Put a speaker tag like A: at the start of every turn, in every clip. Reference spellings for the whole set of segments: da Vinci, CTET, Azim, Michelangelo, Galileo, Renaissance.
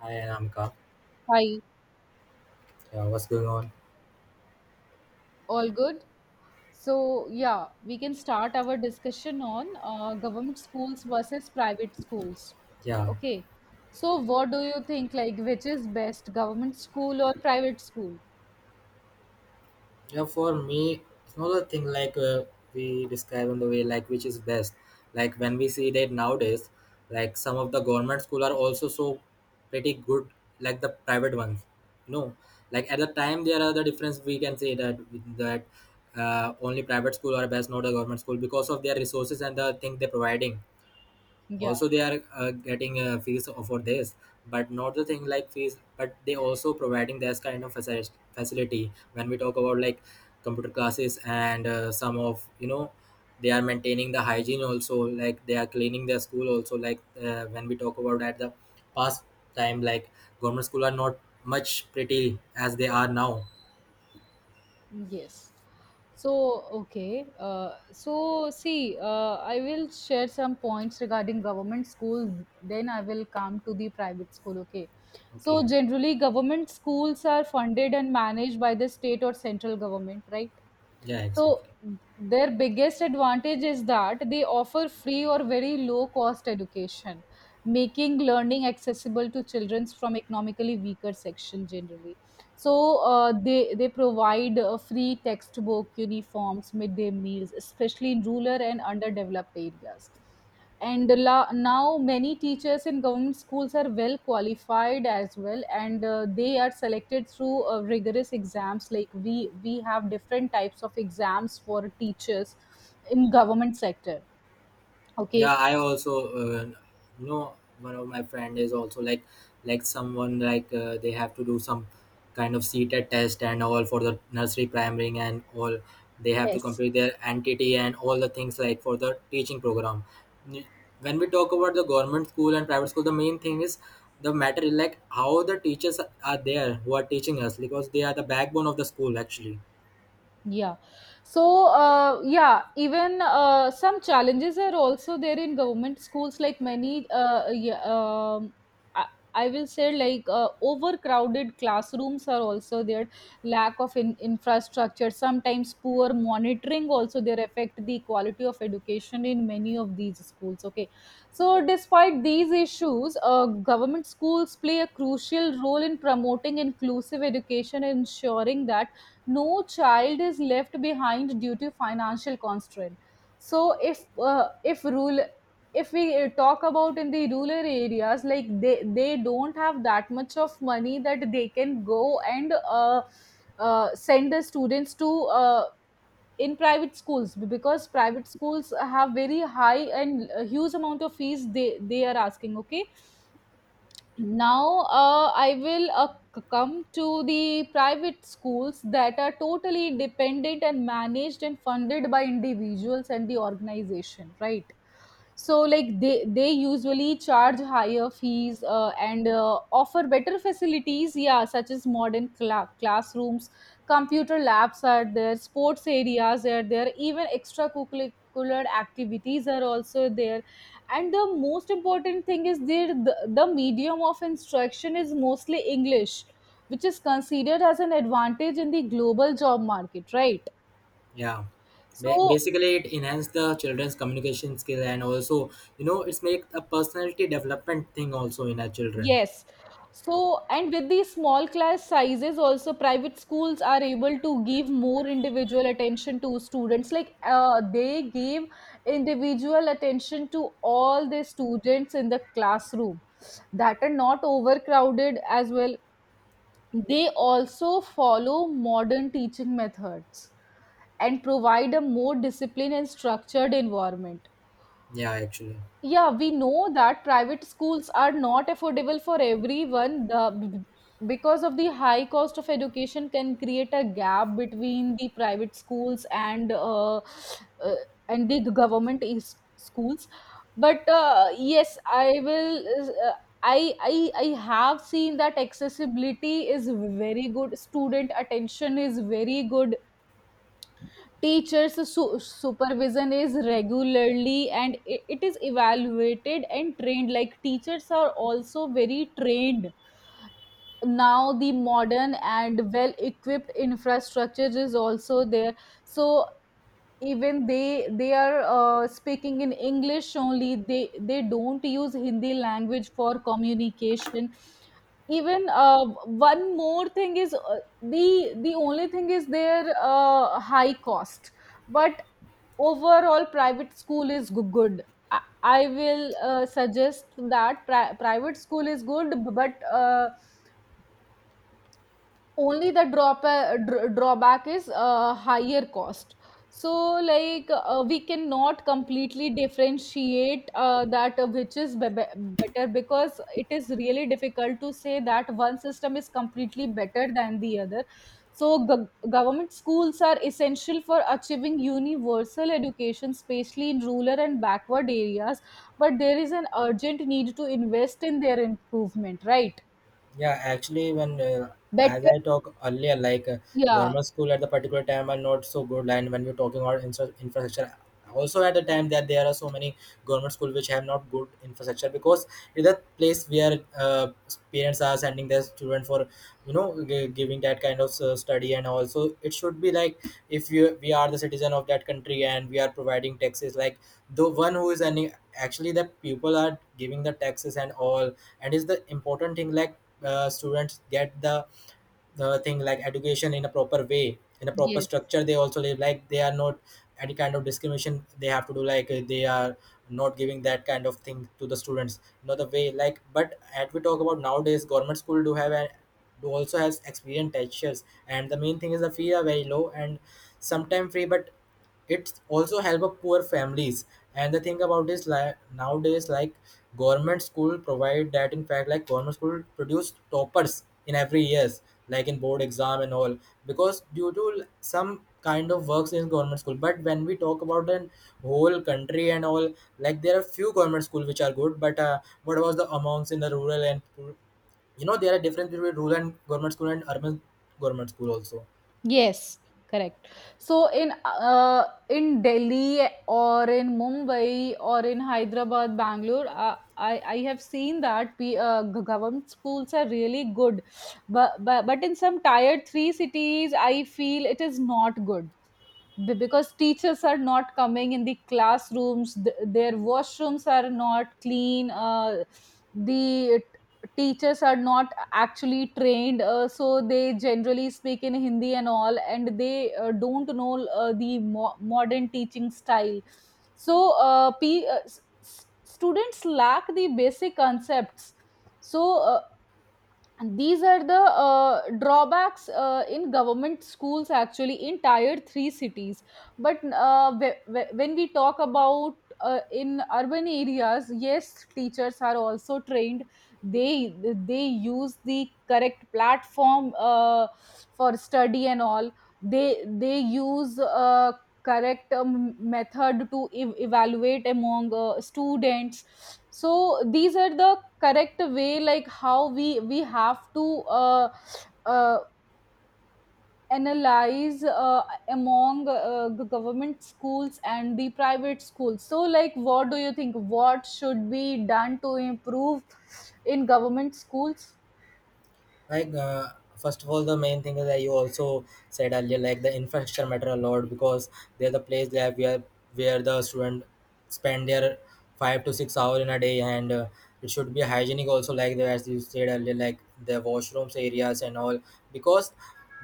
A: Hi Anamka,
B: Hi,
A: yeah, what's going on?
B: all good? So, yeah, we can start our discussion on government schools versus private schools.
A: Yeah,
B: Okay. So, what do you think? Like, which is best, government school or private school?
A: yeah. For me, it's not a thing like we describe in the way like which is best. Like when we see that nowadays, like some of the government school are also so pretty good, like the private ones. No, like at the time there are the difference. We can say that that only private school are best, not a government school because of their resources and the thing they're providing.
B: Yeah,
A: Also they are getting fees for this, but not the thing like fees, but they also providing this kind of facility when we talk about like computer classes and some of they are maintaining the hygiene also like they are cleaning their school also like when we talk about at the past time like government school are not much pretty as they are now.
B: yes. So, okay. See, I will share some points regarding government schools, then I will come to the private school. Okay.
A: Okay.
B: So, generally, government schools are funded and managed by the state or central government, right?
A: Yeah, exactly.
B: So their biggest advantage is that they offer free or very low cost education, making learning accessible to children from economically weaker section generally. So they provide free textbook, uniforms, midday meals, especially in rural and underdeveloped areas and now many teachers in government schools are well qualified as well and they are selected through rigorous exams like we have different types of exams for teachers in government sector. Okay.
A: Yeah, I also, uh, you know one of my friend is also like someone like they have to do some kind of CTET test and all for the nursery primary and all. They have to
B: Yes.
A: complete their entity and all the things like for the teaching program. When we talk about the government school and private school, the main thing is the matter is like how the teachers are there who are teaching us, because they are the backbone of the school actually.
B: Yeah. So, yeah, even some challenges are also there in government schools, like many, yeah, I, I will say, like overcrowded classrooms are also there, lack of infrastructure, sometimes poor monitoring also there affect the quality of education in many of these schools. Okay. So, despite these issues, government schools play a crucial role in promoting inclusive education, and ensuring that no child is left behind due to financial constraint. So if rural, if we talk about in the rural areas, like they don't have that much of money that they can go and send the students to in private schools, because private schools have very high and huge amount of fees they are asking. Okay. Now I will come to the private schools that are totally independent and managed and funded by individuals and the organization, right? So like they usually charge higher fees and offer better facilities, yeah, such as modern classrooms, computer labs are there, sports areas are there, even extracurricular activities are also there. And the most important thing is there the medium of instruction is mostly english, which is considered as an advantage in the global job market, right?
A: Yeah,
B: So
A: basically it enhance the children's communication skill, and also it's make a personality development thing also in our children.
B: yes. So and with the small class sizes also, private schools are able to give more individual attention to students, like they give individual attention to all the students in the classroom that are not overcrowded as well. They also follow modern teaching methods and provide a more disciplined and structured environment.
A: Yeah, actually.
B: Yeah, we know that private schools are not affordable for everyone, because of the high cost of education can create a gap between the private schools and the government is schools. But yes, I will, uh, I have seen that accessibility is very good, student attention is very good. Teachers' supervision is regularly and it is evaluated and trained. Like teachers are also very trained. Now the modern and well equipped infrastructure is also there. So even they are speaking in english only, they don't use hindi language for communication. Even one more thing is the the only thing is their high cost, but overall private school is good. i, I will suggest that private school is good, but only the drawback is higher cost. So like we cannot completely differentiate that which is better, because it is really difficult to say that one system is completely better than the other. So government schools are essential for achieving universal education, especially in rural and backward areas, but there is an urgent need to invest in their improvement, right?
A: Yeah, actually, when as
B: Better.
A: I talk earlier, like
B: Yeah.
A: government school at the particular time are not so good, and when we're talking about infrastructure, also at the time that there are so many government school which have not good infrastructure, because it's a place where parents are sending their student for giving that kind of study, and also it should be like if you we are the citizen of that country and we are providing taxes, like the one who is any actually the people are giving the taxes and all, and is the important thing like students get the thing like education in a proper way in a proper
B: Yes.
A: structure. They also live like they are not any kind of discrimination they have to do like they are not giving that kind of thing to the students, not the way like, but as we talk about nowadays government school do have a do also has experienced teachers, and the main thing is the fee are very low and sometimes free, but it also help of poor families. And the thing about this, like nowadays, like government school provide that. In fact, like government school produce toppers in every years, like in board exam and all, because due to some kind of works in government school. But when we talk about the whole country and all, like there are few government school which are good, but what about the amounts in the rural, and there are difference between rural and government school and urban government school also.
B: Yes, correct. So in Delhi or in Mumbai or in Hyderabad, Bangalore, I have seen that government schools are really good, but, but in some tier three cities, I feel it is not good, because teachers are not coming in the classrooms, their washrooms are not clean. Teachers are not actually trained, so they generally speak in hindi and all, and they don't know modern teaching style. So students lack the basic concepts. so uh, and these are the drawbacks in government schools, actually in tier 3 cities. But when we talk about in urban areas, yes, teachers are also trained. they they use the correct platform for study and all. they they use correct method to evaluate among students. So these are the correct way, like how we have to uh, uh, analyze among the government schools and the private schools. So like, what do you think, what should be done to improve in government schools?
A: Like, first of all the main thing is that you also said earlier like the infrastructure matter a lot because they're the place that where the student spend their 5 to 6 hours in a day, and it should be hygienic also, like the as you said earlier like the washrooms areas and all, because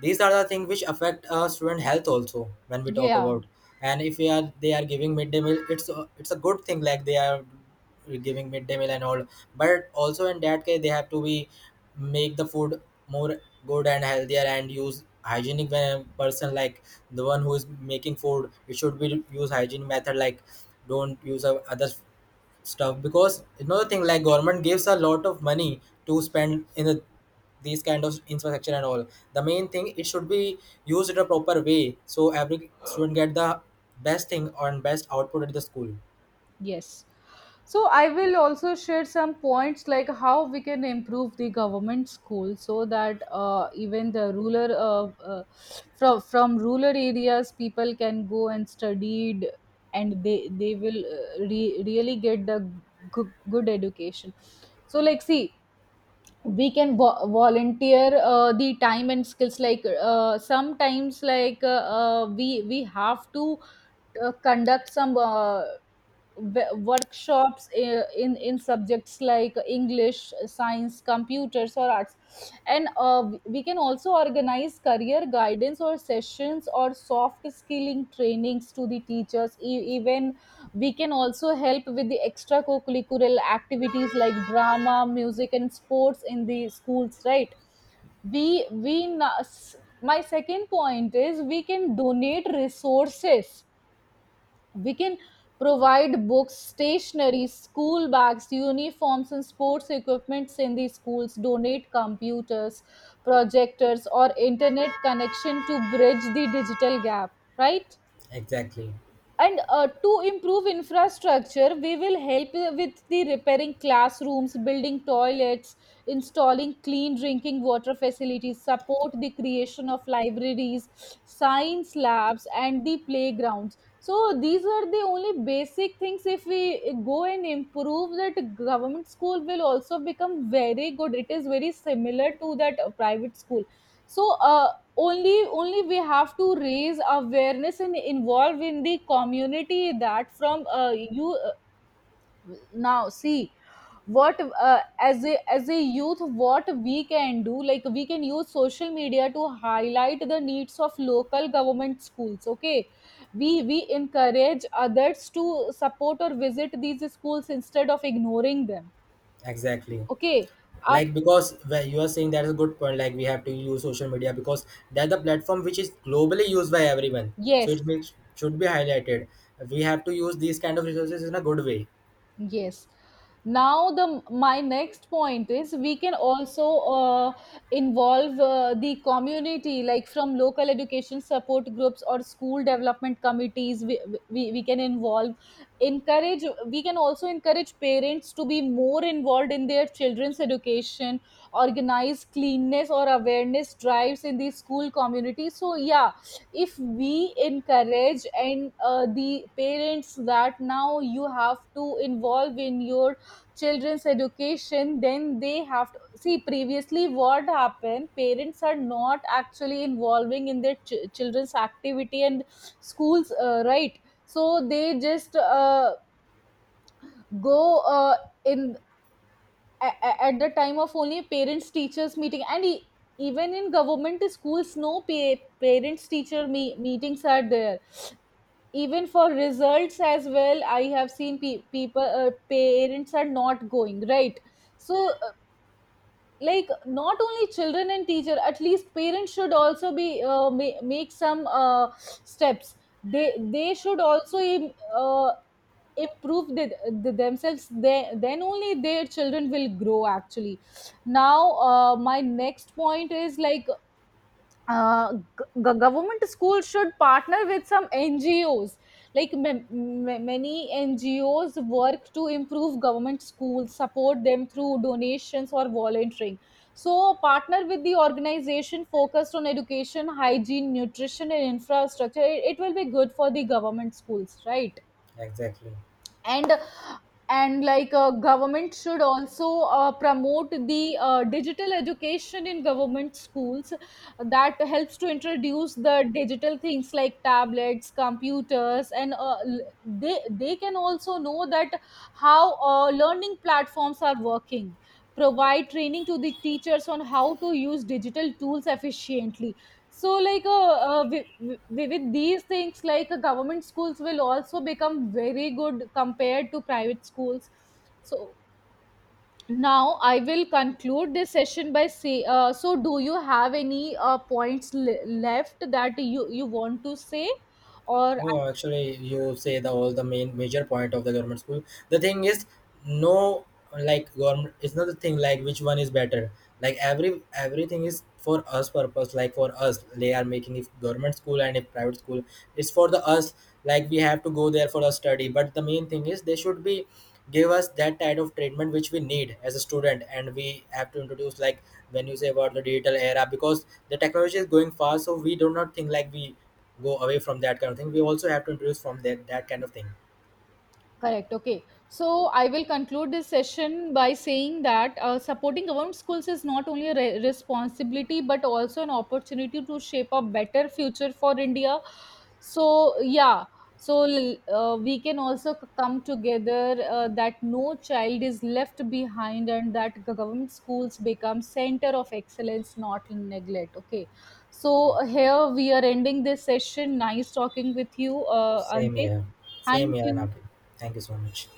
A: these are the things which affect student health also when we talk
B: Yeah.
A: about. And if we are they are giving midday meal, it's a good thing like they are giving midday meal and all, but also in that case they have to be make the food more good and healthier and use hygienic person, like the one who is making food, you should be use hygiene method, like don't use other stuff. Because another thing like government gives a lot of money to spend in these kind of infrastructure and all, the main thing it should be used in a proper way, so every student get the best thing or best output at the school.
B: Yes. So I will also share some points like how we can improve the government school, so that even the rural from rural areas people can go and studied, and they will really get the good education. So like, see, we can volunteer the time and skills, like sometimes like we have to conduct some workshops in subjects like english, science, computers or arts, and we can also organize career guidance or sessions or soft skilling trainings to the teachers. Even we can also help with the extracurricular activities like drama, music and sports in the schools, right? we we na- s- my second point is, we can donate resources. We can provide books, stationery, school bags, uniforms and sports equipments in the schools, donate computers, projectors or internet connection to bridge the digital gap, right?
A: Exactly.
B: And to improve infrastructure, we will help with the repairing classrooms, building toilets, installing clean drinking water facilities, support the creation of libraries, science labs and the playgrounds. So these are the only basic things. If we go and improve that, government school will also become very good, it is very similar to that private school. So only we have to raise awareness and involve in the community, that from you now see, what, as a youth, what we can do, like we can use social media to highlight the needs of local government schools, okay? We encourage others to support or visit these schools instead of ignoring them.
A: Exactly,
B: Okay. Af-
A: like because where you are saying that is a good point, like we have to use social media because that's the platform which is globally used by everyone, so
B: yes.
A: it makes should be highlighted. We have to use these kind of resources in a good way.
B: Yes. Now the my next point is, we can also involve the community, like from local education support groups or school development committees, we can involve, encourage, we can also encourage parents to be more involved in their children's education, organize cleanness or awareness drives in the school community. So yeah, if we encourage and the parents, that now you have to involve in your children's education, then they have to see, previously what happened, parents are not actually involving in their children's activity and schools, right? So they just go in a- at the time of only parents teachers meeting, and even in government schools no parents teacher meetings are there, even for results as well I have seen people, parents are not going, right? So like, not only children and teacher, at least parents should also be make some steps. They should also improve the themselves, then only their children will grow actually. Now my next point is, like government schools should partner with some NGOs. Like many NGOs work to improve government schools, support them through donations or volunteering. So, partner with the organization focused on education, hygiene, nutrition, and infrastructure. It will be good for the government schools, right?
A: Exactly.
B: And like government should also promote the digital education in government schools, that helps to introduce the digital things like tablets, computers, and they can also know that how learning platforms are working, provide training to the teachers on how to use digital tools efficiently. So, like, uh, wi- wi- with these things, like, government schools will also become very good compared to private schools. So, now I will conclude this session by so, do you have any points left that you want to say, or?
A: No, actually, you say the all the main major point of the government school. The thing is, no, like government. It's not the thing like which one is better. Like everything is for us purpose. Like for us, they are making if government school and if private school. It's for the us. Like we have to go there for a study. But the main thing is they should be give us that type of treatment which we need as a student, and we have to introduce like when you say about the digital era, because the technology is going fast, so we do not think like we go away from that kind of thing. We also have to introduce from that kind of thing.
B: Correct. Okay. So I will conclude this session by saying that supporting government schools is not only a responsibility, but also an opportunity to shape a better future for India. So, yeah. So we can also come together that no child is left behind, and that government schools become center of excellence, not neglect. Okay.
A: Okay.
B: So here we are ending this session. Nice talking with you,
A: Same
B: Ankit.
A: here. Same
B: Thank
A: here,
B: you.
A: Anaki. Thank you so much.